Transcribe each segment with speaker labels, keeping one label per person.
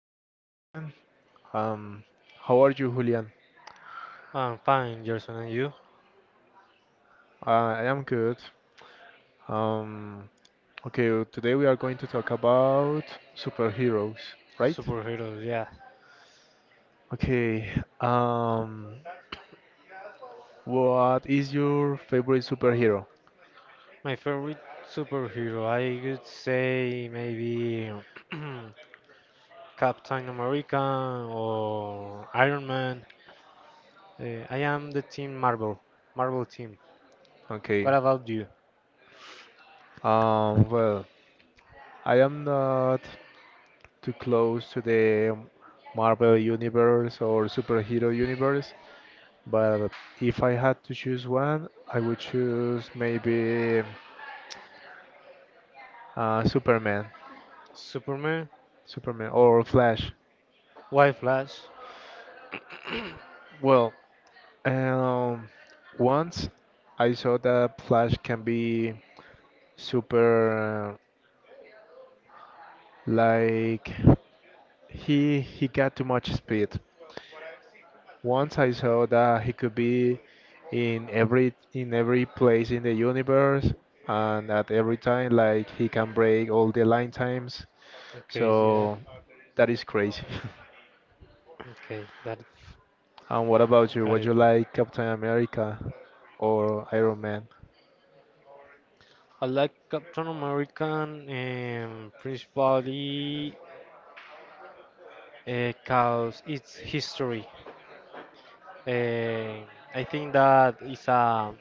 Speaker 1: are recording. Um, how are you, Julian?
Speaker 2: I'm fine, Gerson, and you?
Speaker 1: I am good. Um, okay, today we are going to talk about superheroes, right?
Speaker 2: Superheroes, yeah.
Speaker 1: Okay, um, what is your favorite superhero?
Speaker 2: My favorite superhero, I could say maybe Captain America or Iron Man. I am the team Marvel, Marvel team.
Speaker 1: Okay,
Speaker 2: What about you?
Speaker 1: well, I am not too close to the Marvel universe or superhero universe, but if I had to choose one, I would choose maybe. Superman,
Speaker 2: Superman?
Speaker 1: Superman or Flash.
Speaker 2: Why Flash?
Speaker 1: Well, um, once I saw that Flash can be super, like he got too much speed. Once I saw that he could be in every place in the universe and at every time, like he can break all the line times.
Speaker 2: Okay, yeah.
Speaker 1: So that is crazy.
Speaker 2: Okay, that
Speaker 1: And what about you?
Speaker 2: got
Speaker 1: Would
Speaker 2: it.
Speaker 1: you like Captain America or Iron Man?
Speaker 2: I like Captain America principally because it's history. Eh, I think that is a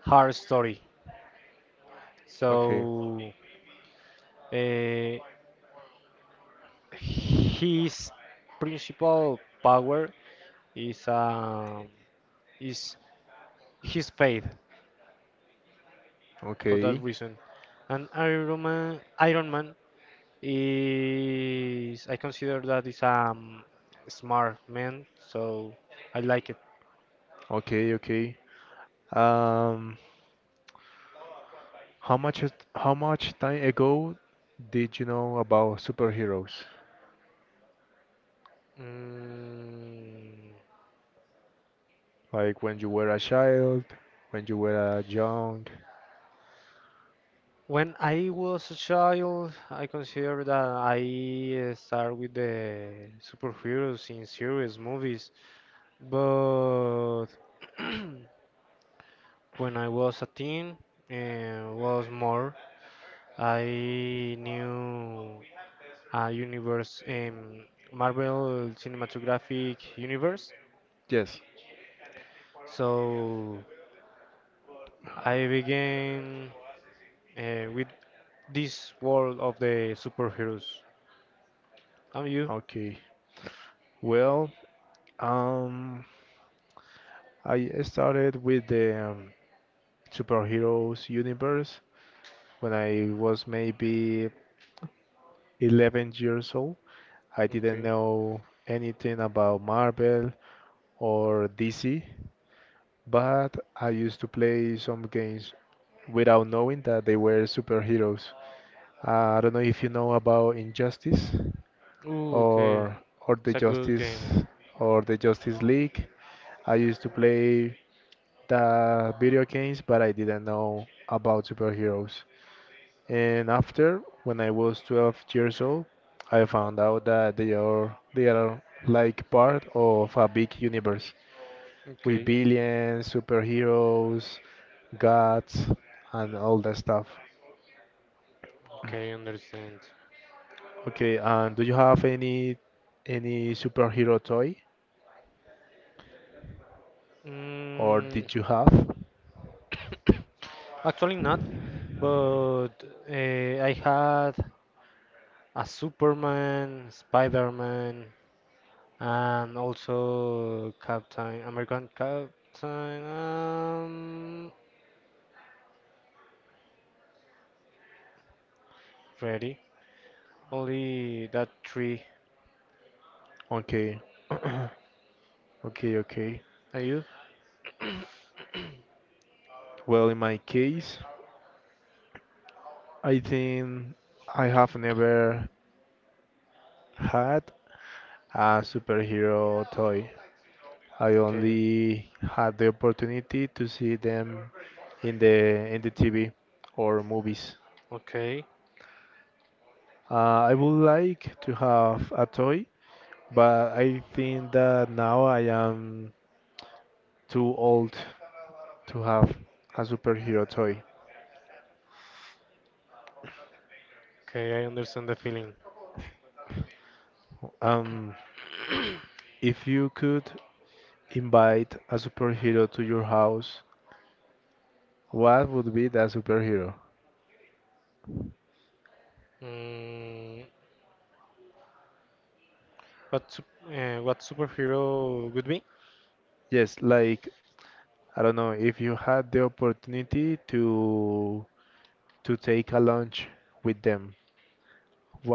Speaker 2: hard story.
Speaker 1: Okay,
Speaker 2: So uh, his principal power is um, is his faith for that
Speaker 1: okay,
Speaker 2: reason. And Iron Man is I consider that is a smart man, so I like it.
Speaker 1: okay, okay. Um, how much time ago did you know about superheroes?
Speaker 2: Mm,
Speaker 1: Like when you were a child, when you were a young?
Speaker 2: when I was a child, I consider that I start with the superheroes in series movies. But when I was a teen, was more. I knew a universe, Marvel Cinematographic Universe.
Speaker 1: Yes.
Speaker 2: So I began with this world of the superheroes. And you?
Speaker 1: Okay. Well, um, I started with the superheroes universe when I was maybe 11 years old. I didn't
Speaker 2: Okay.
Speaker 1: know anything about Marvel or DC, but I used to play some games without knowing that they were superheroes. I don't know if you know about Injustice
Speaker 2: Ooh, okay.
Speaker 1: or or
Speaker 2: It's a good game.
Speaker 1: The Justice League. I used to play the video games, but I didn't know about superheroes. And after, when I was 12 years old, I found out that they are like part of a big universe with
Speaker 2: Okay.
Speaker 1: billions, superheroes, gods, and all that stuff.
Speaker 2: Okay, understand.
Speaker 1: Okay, and do you have any superhero toy or
Speaker 2: Mm,
Speaker 1: did you have?
Speaker 2: actually not. But I had a Superman, Spider-Man, and also Captain American Captain. Um, ready? Only that three.
Speaker 1: Okay. Okay, okay.
Speaker 2: Are you?
Speaker 1: Well, in my case, I think I have never had a superhero toy. I
Speaker 2: Okay,
Speaker 1: only had the opportunity to see them in the TV or movies.
Speaker 2: okay,
Speaker 1: I would like to have a toy, but I think that now I am too old to have a superhero toy.
Speaker 2: okay. I understand the feeling.
Speaker 1: Um, if you could invite a superhero to your house, what would be that superhero?
Speaker 2: Mm, what superhero would be?
Speaker 1: Yes, like I don't know, if you had the opportunity to take a lunch with them,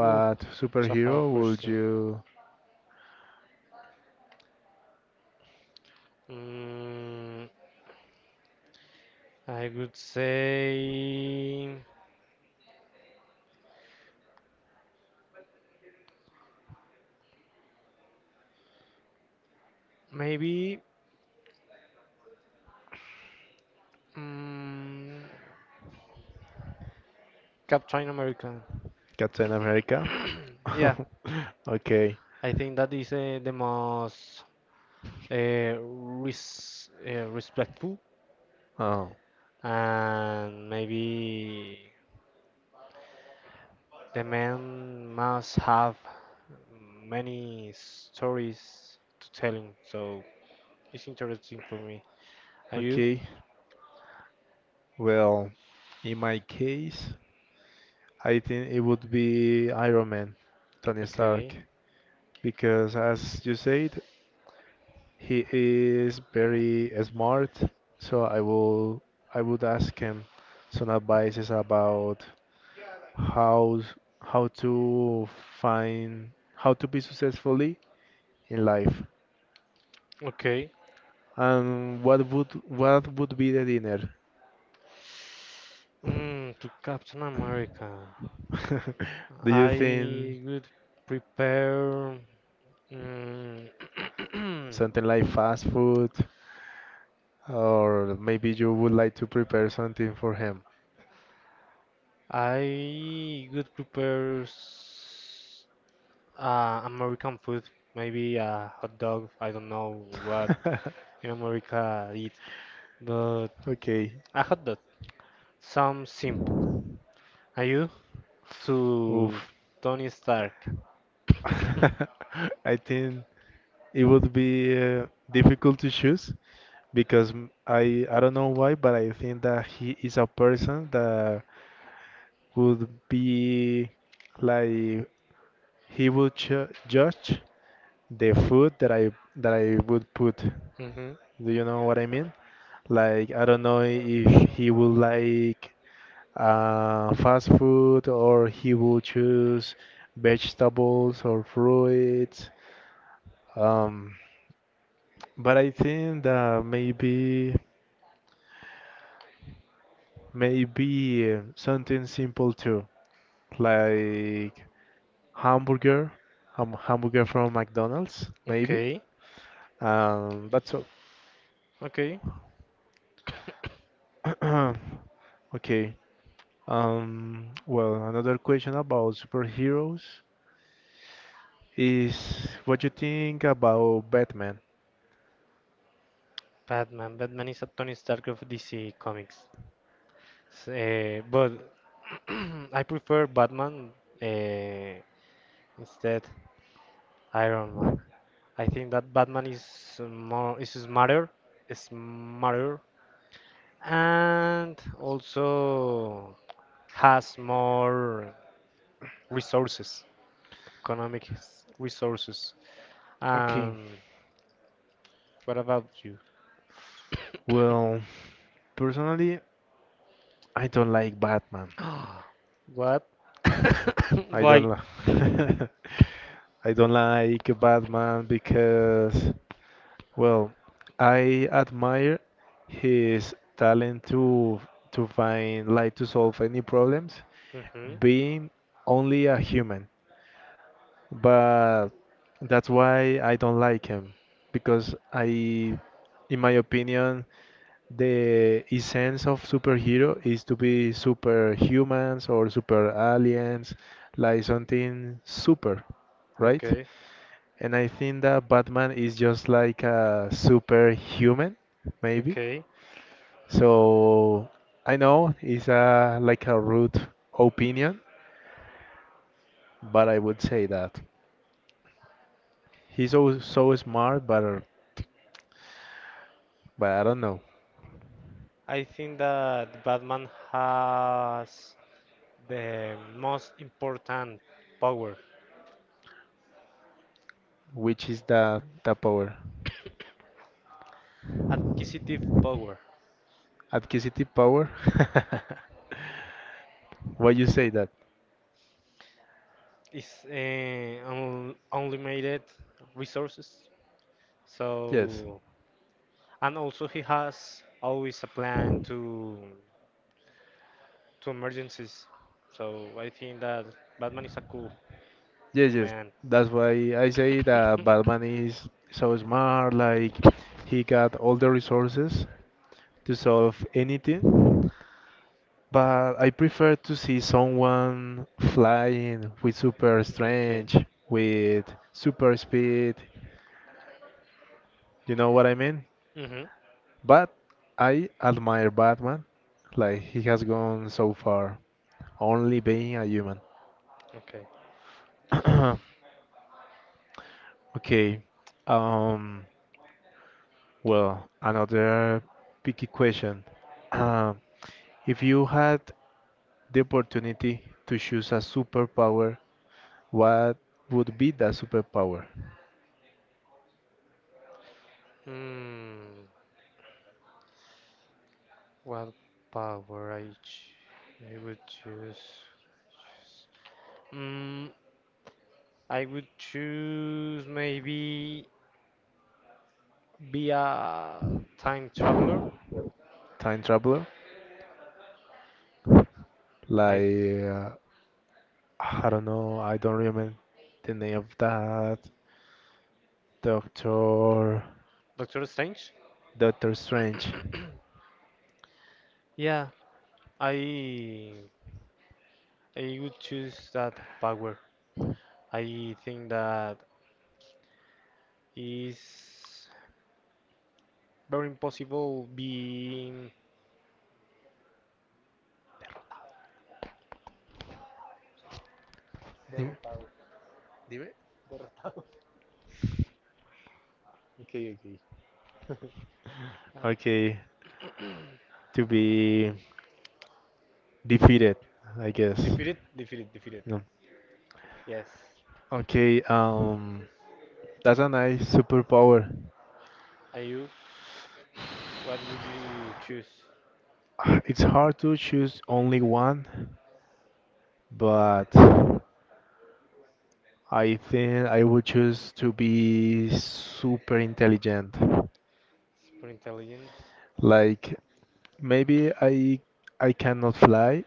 Speaker 2: Ooh, it's a hard
Speaker 1: superhero would
Speaker 2: question.
Speaker 1: you
Speaker 2: Mm, I would say maybe. Mm, Captain America.
Speaker 1: Captain America?
Speaker 2: Yeah,
Speaker 1: Okay.
Speaker 2: I think that is the most respectful,
Speaker 1: Oh,
Speaker 2: and maybe the man must have many stories to tell him. So it's interesting for me. Are you?
Speaker 1: okay. Well, in my case, I think it would be Iron Man, Tony
Speaker 2: Okay.
Speaker 1: Stark, because as you said, he is very smart, so I would ask him some advices about how how to find how to be successfully in life.
Speaker 2: Okay.
Speaker 1: And what would be the dinner?
Speaker 2: To Captain America,
Speaker 1: Do you think
Speaker 2: I would prepare. Mm,
Speaker 1: something like fast food, or maybe you would like to prepare something for him?
Speaker 2: I would prepare American food, maybe a hot dog. I don't know what in America eat, but
Speaker 1: Okay.
Speaker 2: a hot dog. Some simple. Are you
Speaker 1: Oof.
Speaker 2: to Tony Stark?
Speaker 1: I think it would be difficult to choose because I don't know why, but I think that he is a person that would be like he would judge the food that I would put.
Speaker 2: Hmm.
Speaker 1: Do you know what I mean? Like I don't know if he would like fast food or he will choose vegetables or fruits. Um, but I think that maybe something simple too, like hamburger, hamburger from McDonald's, maybe.
Speaker 2: Okay,
Speaker 1: That's all.
Speaker 2: okay.
Speaker 1: Okay. Well, another question about superheroes is what you think about Batman?
Speaker 2: Batman. Batman is a Tony Stark of DC Comics. But I prefer Batman. Uh, Instead, Iron Man. I think that Batman is smarter, and also has more resources, economic resources.
Speaker 1: Okay.
Speaker 2: And what about you?
Speaker 1: Well, personally, I don't like Batman.
Speaker 2: What?
Speaker 1: I don't
Speaker 2: Why?
Speaker 1: li- I don't like Batman because, well, I admire his talent to find light to solve any problems,
Speaker 2: Hmm.
Speaker 1: being only a human. But that's why I don't like him because I, in my opinion, the essence of superhero is to be superhumans or super aliens, like something super, right?
Speaker 2: Okay,
Speaker 1: And I think that Batman is just like a superhuman, maybe.
Speaker 2: okay.
Speaker 1: So I know it's a like a rude opinion, but I would say that he's so smart, but I don't know
Speaker 2: I think that Batman has the most important power,
Speaker 1: which is the power.
Speaker 2: acquisitive power.
Speaker 1: Acquisitive power. Why you say that?
Speaker 2: It's un unlimited resources.
Speaker 1: Yes,
Speaker 2: So, and also he has always a plan to emergencies. So I think that Batman is a cool
Speaker 1: yes, yes.
Speaker 2: man.
Speaker 1: That's why I say that Batman is so smart. Like he got all the resources to solve anything. But I prefer to see someone flying with super
Speaker 2: Okay.
Speaker 1: strength, with super speed. You know what I mean?
Speaker 2: Mhm.
Speaker 1: But I admire Batman, like he has gone so far, only being a human.
Speaker 2: Okay.
Speaker 1: Okay, um, well, another picky question. Uh, if you had the opportunity to choose a superpower, what would be that superpower?
Speaker 2: Hmm. What power I would choose? Mm, I would choose maybe be a time traveler.
Speaker 1: Time traveler?
Speaker 2: I
Speaker 1: Like, I don't know, I don't remember the name of that. Doctor,
Speaker 2: Doctor Strange.
Speaker 1: Doctor Strange.
Speaker 2: Yeah, I I would choose that power. I think that is very impossible being
Speaker 1: Dime. Dime. Okay, okay. Okay, to be defeated, I guess.
Speaker 2: defeated, defeated, defeated.
Speaker 1: No.
Speaker 2: Yes.
Speaker 1: Okay, that's a nice superpower.
Speaker 2: Are you? What would you choose?
Speaker 1: It's hard to choose only one, but I think I would choose to be super intelligent.
Speaker 2: Super intelligent.
Speaker 1: Like maybe I cannot fly,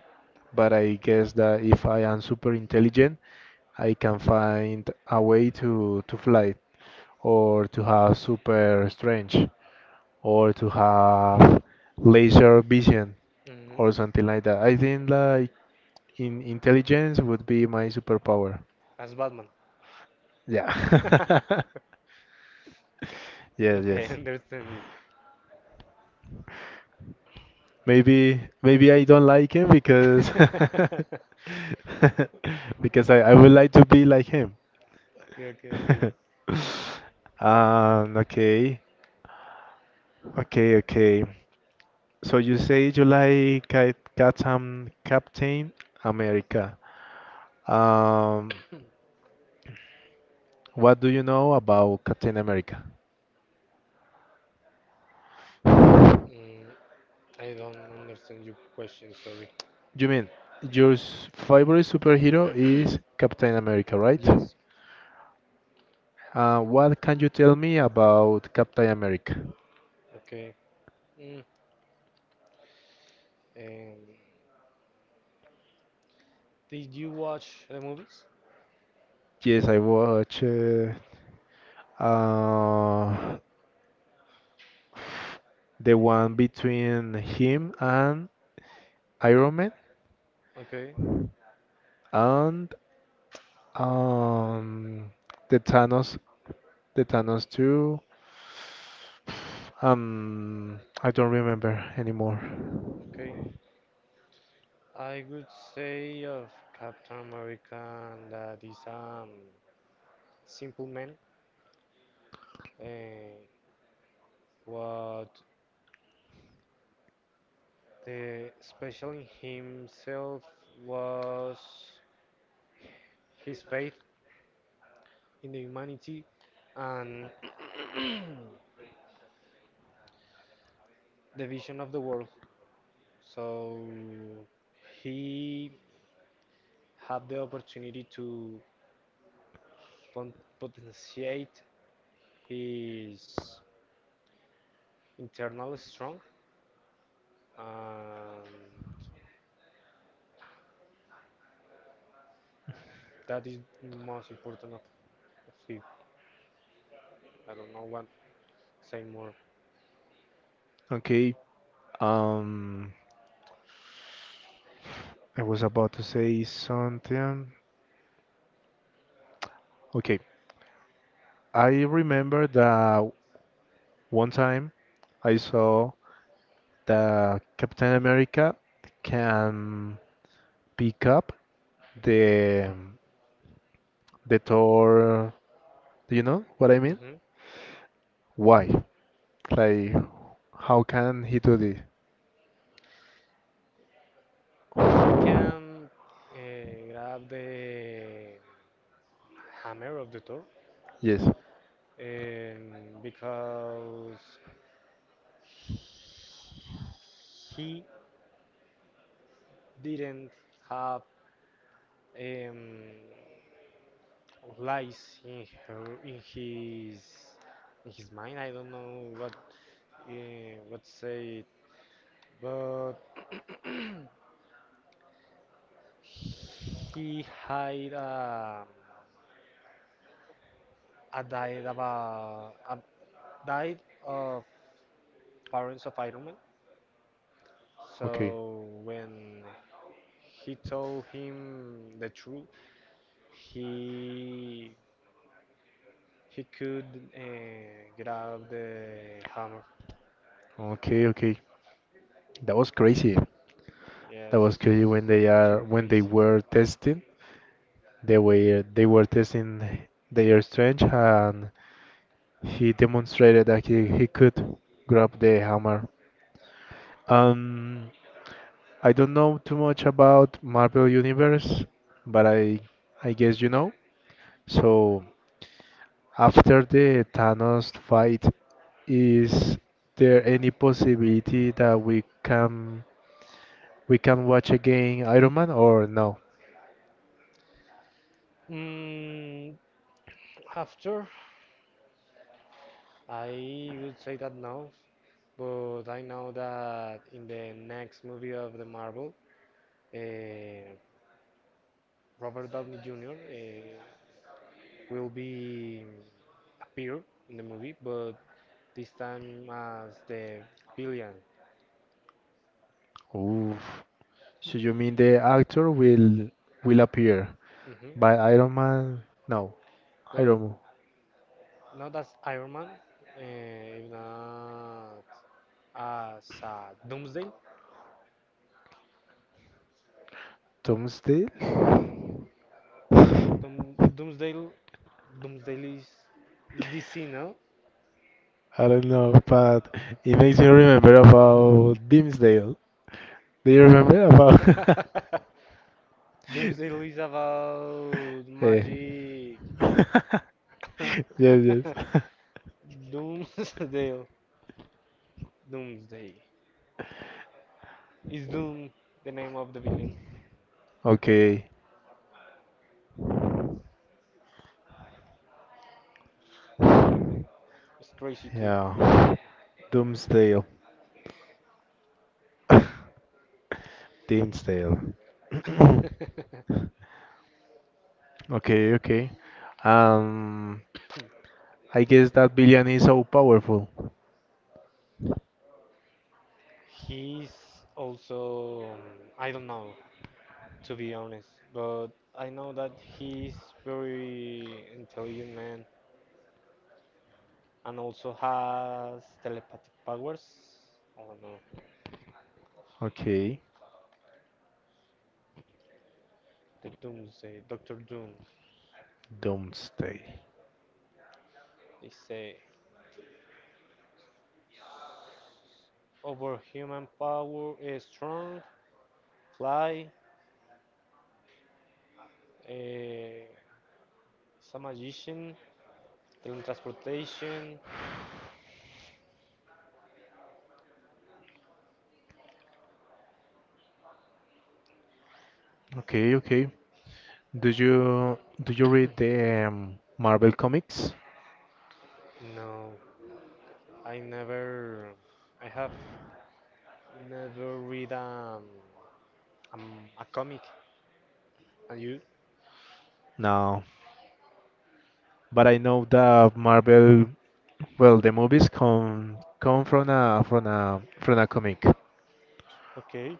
Speaker 1: but I guess that if I am super intelligent, I can find a way to fly or to have super strength or to have laser vision
Speaker 2: Hmm.
Speaker 1: or something like that. I think like in intelligence would be my superpower.
Speaker 2: As Batman.
Speaker 1: Yeah. Yes,
Speaker 2: Okay,
Speaker 1: yes.
Speaker 2: I understand you.
Speaker 1: Maybe I don't like him because because I would like to be like him.
Speaker 2: Okay, okay, okay.
Speaker 1: Okay. Okay, okay. So you say you like Captain America. Um, what do you know about Captain America?
Speaker 2: Mm, I don't understand your question, sorry.
Speaker 1: You mean your favorite superhero is Captain America, right?
Speaker 2: Yes.
Speaker 1: What can you tell me about Captain America?
Speaker 2: Okay. Mm, um, Did you watch the movies?
Speaker 1: Yes, I watch uh, the one between him and Iron Man
Speaker 2: Okay,
Speaker 1: and um, the Thanos. The Thanos 2. I don't remember anymore.
Speaker 2: okay. I would say of Captain America that is simple man. Uh, what the special in himself was his faith in the humanity and the vision of the world. So he had the opportunity to pon- potentiate his internally strong, and that is most important of him. I don't know what say more.
Speaker 1: Okay. Um, I was about to say something. Okay. I remember that one time I saw that Captain America can pick up the the Thor. Do you know what I mean?
Speaker 2: hmm
Speaker 1: Why? Like, how can he do this?
Speaker 2: He can grab the hammer of the Thor
Speaker 1: Yes.
Speaker 2: because he didn't have um, lies in his mind. I don't know what say but he had a diet about a diet of parents of Iron Man.
Speaker 1: Okay.
Speaker 2: So when he told him the truth, he he could grab the hammer.
Speaker 1: Okay, okay. That was crazy.
Speaker 2: Yes,
Speaker 1: That was crazy when they
Speaker 2: too
Speaker 1: are when they
Speaker 2: crazy.
Speaker 1: were testing. They were testing their strength and he demonstrated that he could grab the hammer. Um I don't know too much about Marvel Universe, but I guess you know. So after the Thanos fight, is there any possibility that we can watch again Iron Man or no?
Speaker 2: Mm, after, I would say that no, but I know that in the next movie of the Marvel, uh, Robert Downey Jr. Will be appear in the movie, but this time as the villain.
Speaker 1: Oof. So you mean the actor will appear,
Speaker 2: hmm
Speaker 1: by Iron Man? No,
Speaker 2: But
Speaker 1: Iron Man.
Speaker 2: not as Iron Man, uh, not as Doomsday.
Speaker 1: Tom Steele?
Speaker 2: Doom, Doomsday, Doomsday is DC, no?
Speaker 1: I don't know, but it makes me remember about Dimsdale. Do you remember about?
Speaker 2: Doomsday is about
Speaker 1: Eh.
Speaker 2: magic.
Speaker 1: Yes, yes.
Speaker 2: Doomsday, Doomsday. Is Doom the name of the villain?
Speaker 1: Okay.
Speaker 2: It's crazy too.
Speaker 1: Yeah. Doomsdale. Dimsdale. Okay, okay. Um. I guess that villain is so powerful.
Speaker 2: He's also I don't know to be honest, but I know that he's very intelligent man and also has telepathic powers. I don't know.
Speaker 1: Okay,
Speaker 2: The Doomsday, Doctor Doom,
Speaker 1: don't stay.
Speaker 2: they say overhuman power is strong, fly, is a magician, teletransportation.
Speaker 1: Okay, okay. Do you read the Marvel comics?
Speaker 2: No, I never, I have never read a comic. And you?
Speaker 1: No, but I know that Marvel, well, the movies come from a comic.
Speaker 2: Okay.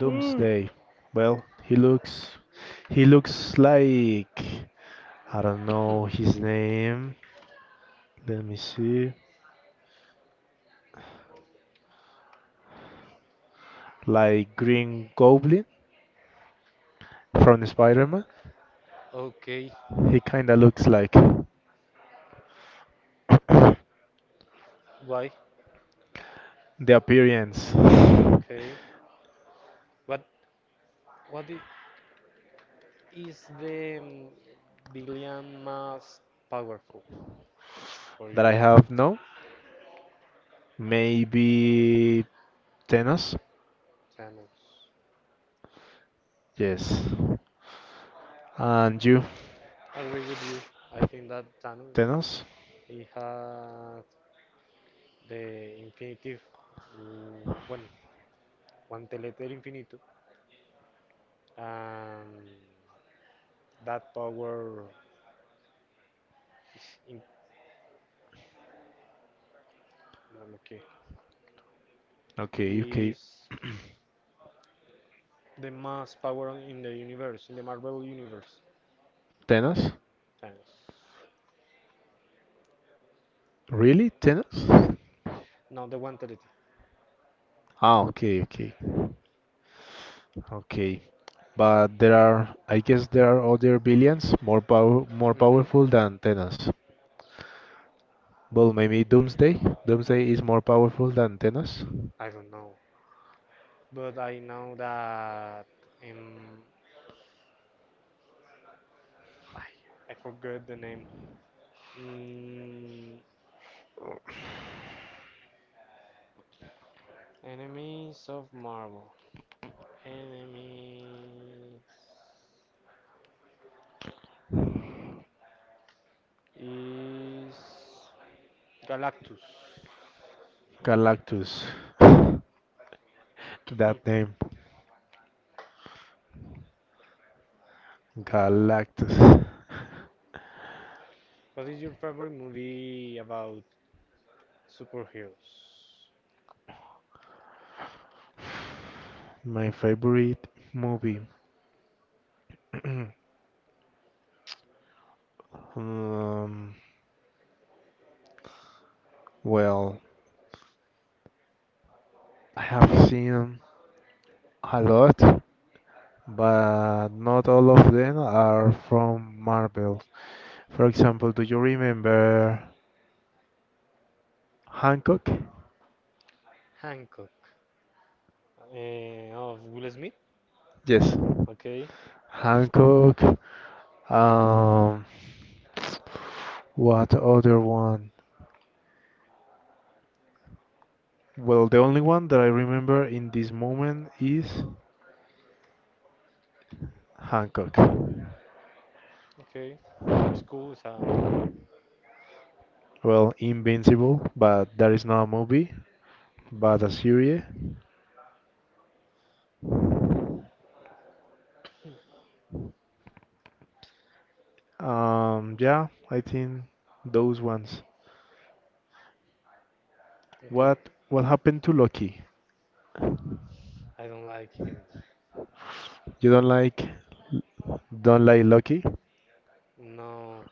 Speaker 2: Hmm.
Speaker 1: Well, he looks like I don't know his name. Let me see. Like Green Goblin from Spider-Man.
Speaker 2: Okay.
Speaker 1: He kinda looks like.
Speaker 2: Why?
Speaker 1: The appearance
Speaker 2: Okay. What? What is the billion most powerful for
Speaker 1: that
Speaker 2: you,
Speaker 1: I have now, maybe tennis.
Speaker 2: Thanos?
Speaker 1: Yes. And you,
Speaker 2: I agree with you. I think that Thanos
Speaker 1: tennis?
Speaker 2: he had the infinitive, bueno, guantelete del infinito. Um, that power is Marvel, okay.
Speaker 1: Okay, okay.
Speaker 2: Is the most power in the universe, in the Marvel universe.
Speaker 1: Tennis?
Speaker 2: Thanks.
Speaker 1: Really, tennis?
Speaker 2: Not the one entity.
Speaker 1: Ah, okay, okay, okay. But there are, I guess, there are other villains more powerful
Speaker 2: hmm
Speaker 1: than tennis. Well, maybe Doomsday. Doomsday is more powerful than tennis.
Speaker 2: I don't know. But I know that. Um, I forgot the name. Mm, enemies of Marvel. Enemies is Galactus.
Speaker 1: Galactus. That name, Galactus.
Speaker 2: What is your favorite movie about superheroes?
Speaker 1: My favorite movie. um, well, I have seen a lot, but not all of them are from Marvel. For example, do you remember Hancock?
Speaker 2: Hancock. Of Will Smith?
Speaker 1: Yes,
Speaker 2: Okay,
Speaker 1: Hancock. Um, what other one? Well, the only one that I remember in this moment is Hancock.
Speaker 2: okay. It's cool, it's
Speaker 1: Well, Invincible, but that is not a movie, but a series. Yeah, I think those ones.
Speaker 2: okay.
Speaker 1: What what happened to Loki?
Speaker 2: I don't like him.
Speaker 1: You don't like Loki?
Speaker 2: No.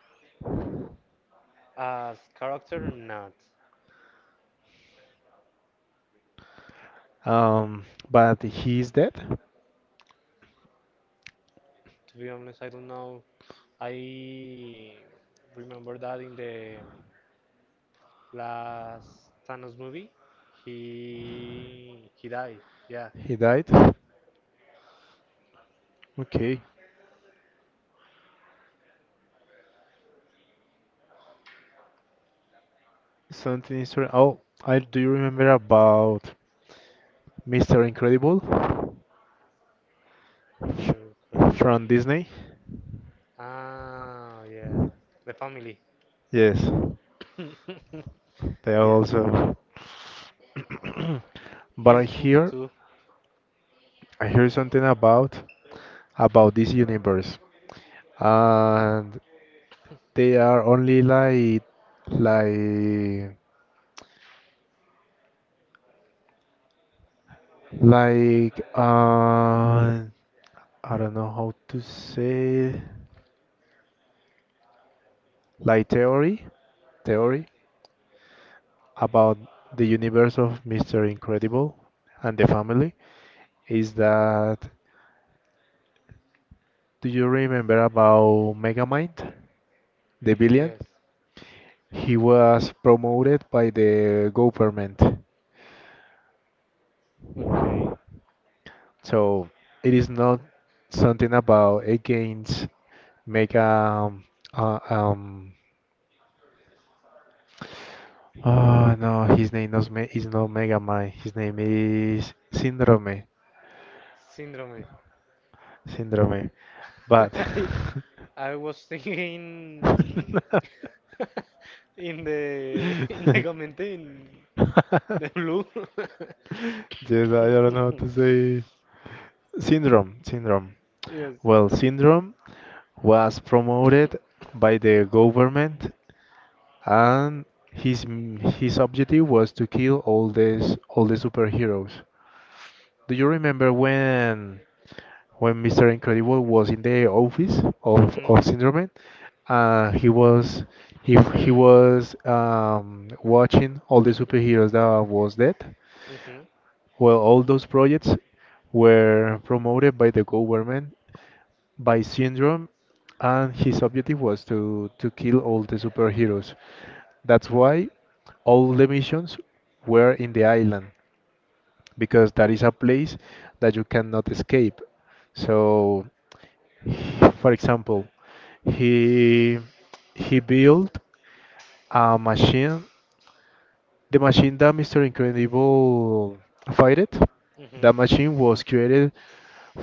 Speaker 2: As character, not.
Speaker 1: Um, but he's dead.
Speaker 2: To be honest, I don't know. I remember that in the last Thanos movie, he died. Yeah,
Speaker 1: He died. Okay, something is wrong. Oh, I do you remember about Mr. Incredible
Speaker 2: Mr. Incredible.
Speaker 1: from Disney?
Speaker 2: Ah, yeah. The family.
Speaker 1: Yes. They are
Speaker 2: Yes,
Speaker 1: also. But I
Speaker 2: he's cool
Speaker 1: hear
Speaker 2: too.
Speaker 1: I hear something about this universe, and they are only like like uh I don't know how to say, like theory about the universe of Mr. Incredible and the family. Is that — do you remember about Megamind, the villain?
Speaker 2: Yes.
Speaker 1: He was promoted by the government.
Speaker 2: Okay.
Speaker 1: So it is not something about against make uh, um oh, no, his name is me is not Mega, his name is Syndrome
Speaker 2: Syndrome.
Speaker 1: Syndrome but
Speaker 2: I was thinking in the in the comment in the blue.
Speaker 1: yes, I don't know how to say Syndrome.
Speaker 2: Yes.
Speaker 1: Well, syndrome was promoted by the government, and his his objective was to kill all the superheroes. Do you remember when Mr. Incredible was in the office of
Speaker 2: Mhm.
Speaker 1: of Syndrome? Uh, he was he was watching all the superheroes that was dead.
Speaker 2: Mhm.
Speaker 1: Well, all those projects were promoted by the government by Syndrome, and his objective was to kill all the superheroes. That's why all the missions were in the island, because that is a place that you cannot escape. So, for example, he he built a machine, the machine that Mr. Incredible fighted. That
Speaker 2: Mhm.
Speaker 1: machine was created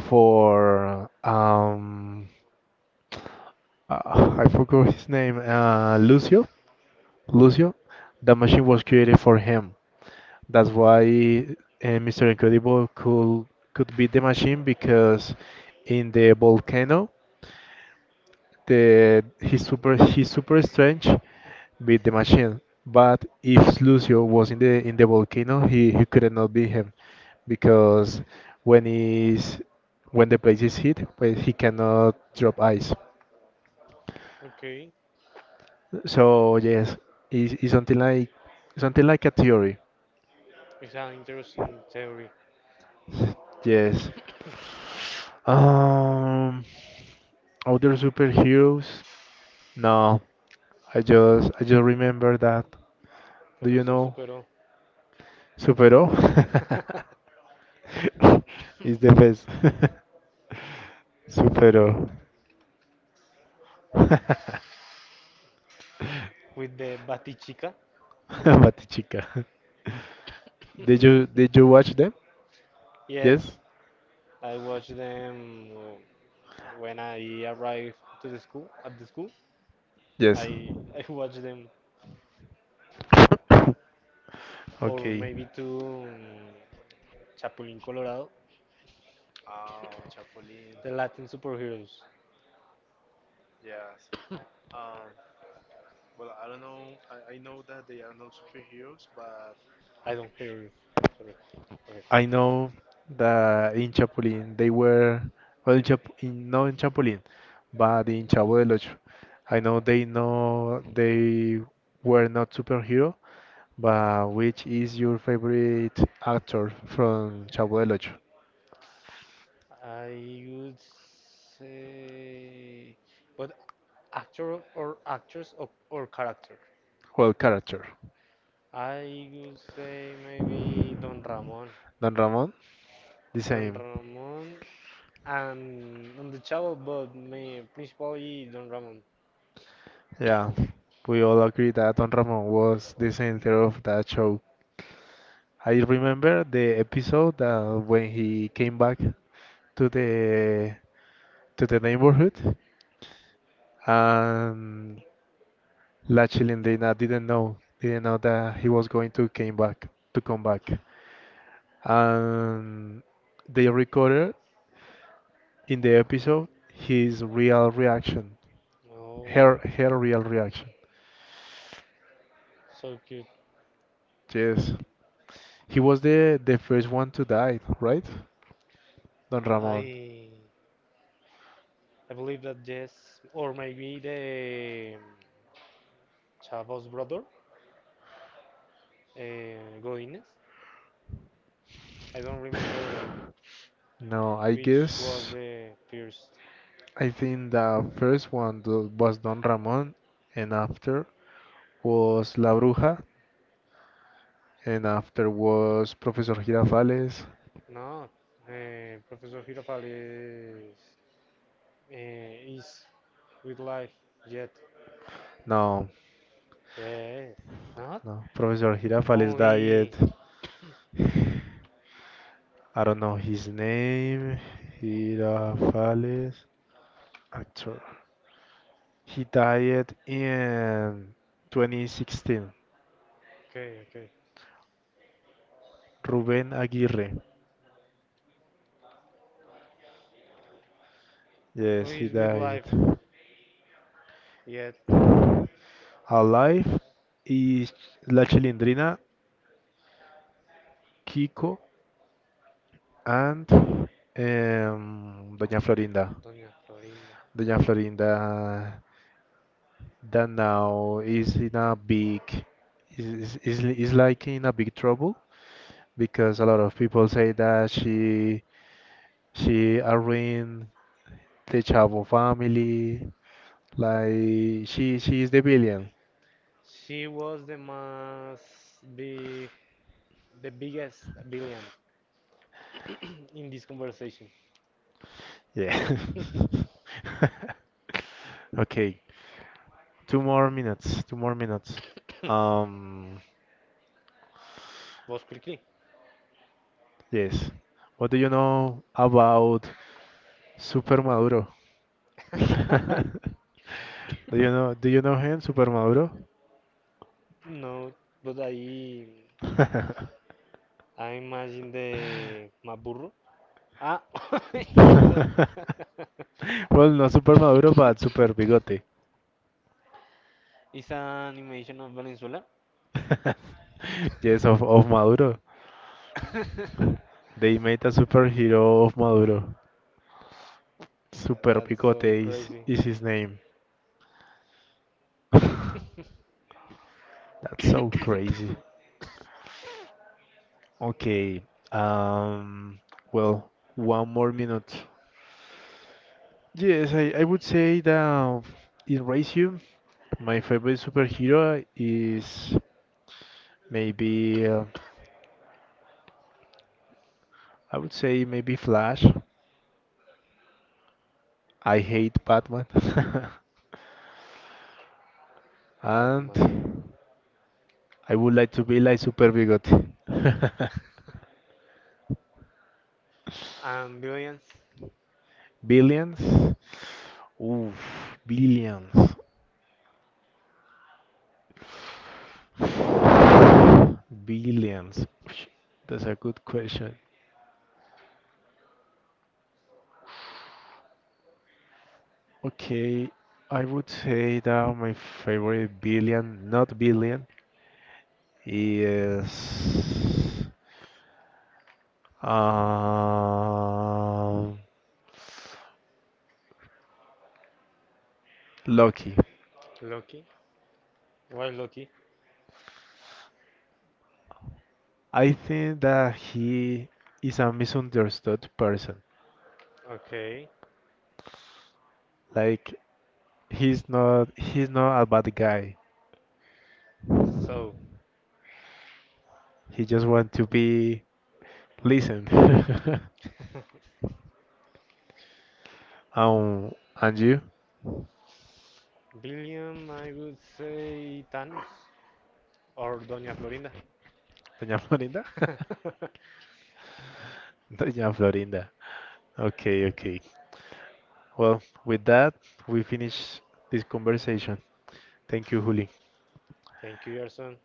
Speaker 1: for I forgot his name, Lucio. Lucio, the machine was created for him. That's why Mr. Incredible could beat the machine because in the volcano, the his super strange beat the machine. But if Lucio was in the volcano, he could not beat him because when is when the place is hit, well, he cannot drop ice.
Speaker 2: Okay.
Speaker 1: So yes, it's something like a theory.
Speaker 2: It's an interesting theory.
Speaker 1: Yes. Um, Other superheroes? No, I just remember that. Do you
Speaker 2: Professor
Speaker 1: know
Speaker 2: Supero
Speaker 1: Superó? Is the
Speaker 2: hmm,
Speaker 1: best. Superó.
Speaker 2: with the Batichica.
Speaker 1: Mati chica. Did you did you watch them? Yes?
Speaker 2: Yes, I watched them when I arrived to the school at the school.
Speaker 1: Yes.
Speaker 2: I I watched them or
Speaker 1: Okay.
Speaker 2: maybe two Chapulín Colorado,
Speaker 1: Oh, Chapulín.
Speaker 2: the Latin superheroes.
Speaker 1: Yes. Um, well, I don't know. I know that they are not superheroes, but
Speaker 2: I don't hear you. Sorry. Okay.
Speaker 1: I know that in Chapulín they were, well, in Chap in no in Chapulín, but in Chavo del Ocho. I know they were not superhero, but which is your favorite actor from Chavo del Ocho?
Speaker 2: I would say, but actor or actress or character.
Speaker 1: Well, character.
Speaker 2: I would say maybe Don Ramon.
Speaker 1: Don Ramon? The
Speaker 2: Don
Speaker 1: same.
Speaker 2: Ramon and on the Chavo, but me principally Don Ramon.
Speaker 1: Yeah, we all agree that Don Ramon was the center of that show. I remember the episode when he came back to the neighborhood, and La Chilindrina didn't know that he was going to came back to come back. And they recorded in the episode his real reaction,
Speaker 2: Oh,
Speaker 1: her real reaction.
Speaker 2: so cute.
Speaker 1: Yes. He was the first one to die, right? Don Ramon.
Speaker 2: I I believe that yes, or maybe the Chavo's brother, Godinez. I don't remember
Speaker 1: No,
Speaker 2: which was the first.
Speaker 1: I think the first one was Don Ramon, and after was La Bruja, and after was Professor Girafales.
Speaker 2: No, Professor Girafal is with life yet.
Speaker 1: No,
Speaker 2: Yes, not
Speaker 1: no, Professor Girafales died.
Speaker 2: only.
Speaker 1: I don't know his name. Girafales, actor. He died in 2016.
Speaker 2: Okay, okay.
Speaker 1: Ruben Aguirre.
Speaker 2: Who
Speaker 1: Yes, he
Speaker 2: is with
Speaker 1: died.
Speaker 2: life yet?
Speaker 1: Alive is La Chilindrina, Kiko, and Doña Florinda.
Speaker 2: Doña Florinda.
Speaker 1: Doña Florinda that now is in a big is like in a big trouble because a lot of people say that she arruined the Chavo family. Like she is the villain.
Speaker 2: She was big, the biggest villain in this conversation.
Speaker 1: Yeah. Okay. Two more minutes. Two more minutes. Um,
Speaker 2: Was quickly.
Speaker 1: yes. What do you know about Super Maduro? Do you know? Do you know him, Super Maduro?
Speaker 2: No, but I I imagine the Maburro. Ah, I know.
Speaker 1: Well, not Super Maduro, but Super Bigote.
Speaker 2: It's an animation of Venezuela.
Speaker 1: Yes, of Maduro. They made a superhero of Maduro. Super
Speaker 2: That's so
Speaker 1: Bigote is,
Speaker 2: crazy.
Speaker 1: is his name. That's so crazy. Okay. Um, well, one more minute. Yes, I would say that in Ratio, my favorite superhero is maybe, I would say maybe Flash. I hate Batman. And
Speaker 2: Batman.
Speaker 1: I would like to be like Super Bigote.
Speaker 2: And billions.
Speaker 1: Billions? Oof, billions. Billions. Psh, that's a good question. Okay, I would say that my favorite billion, not billion, is um, Loki.
Speaker 2: Lucky. Why lucky?
Speaker 1: I think that he is a misunderstood person.
Speaker 2: Okay.
Speaker 1: Like he's not a bad guy.
Speaker 2: So,
Speaker 1: He just wants to be listened. um, and you,
Speaker 2: billion, I would say Thanos or Doña Florinda.
Speaker 1: Doña Florinda? Doña Florinda. Okay, okay. Well, with that, we finish this conversation. Thank you, Juli.
Speaker 2: Thank you, Yerson.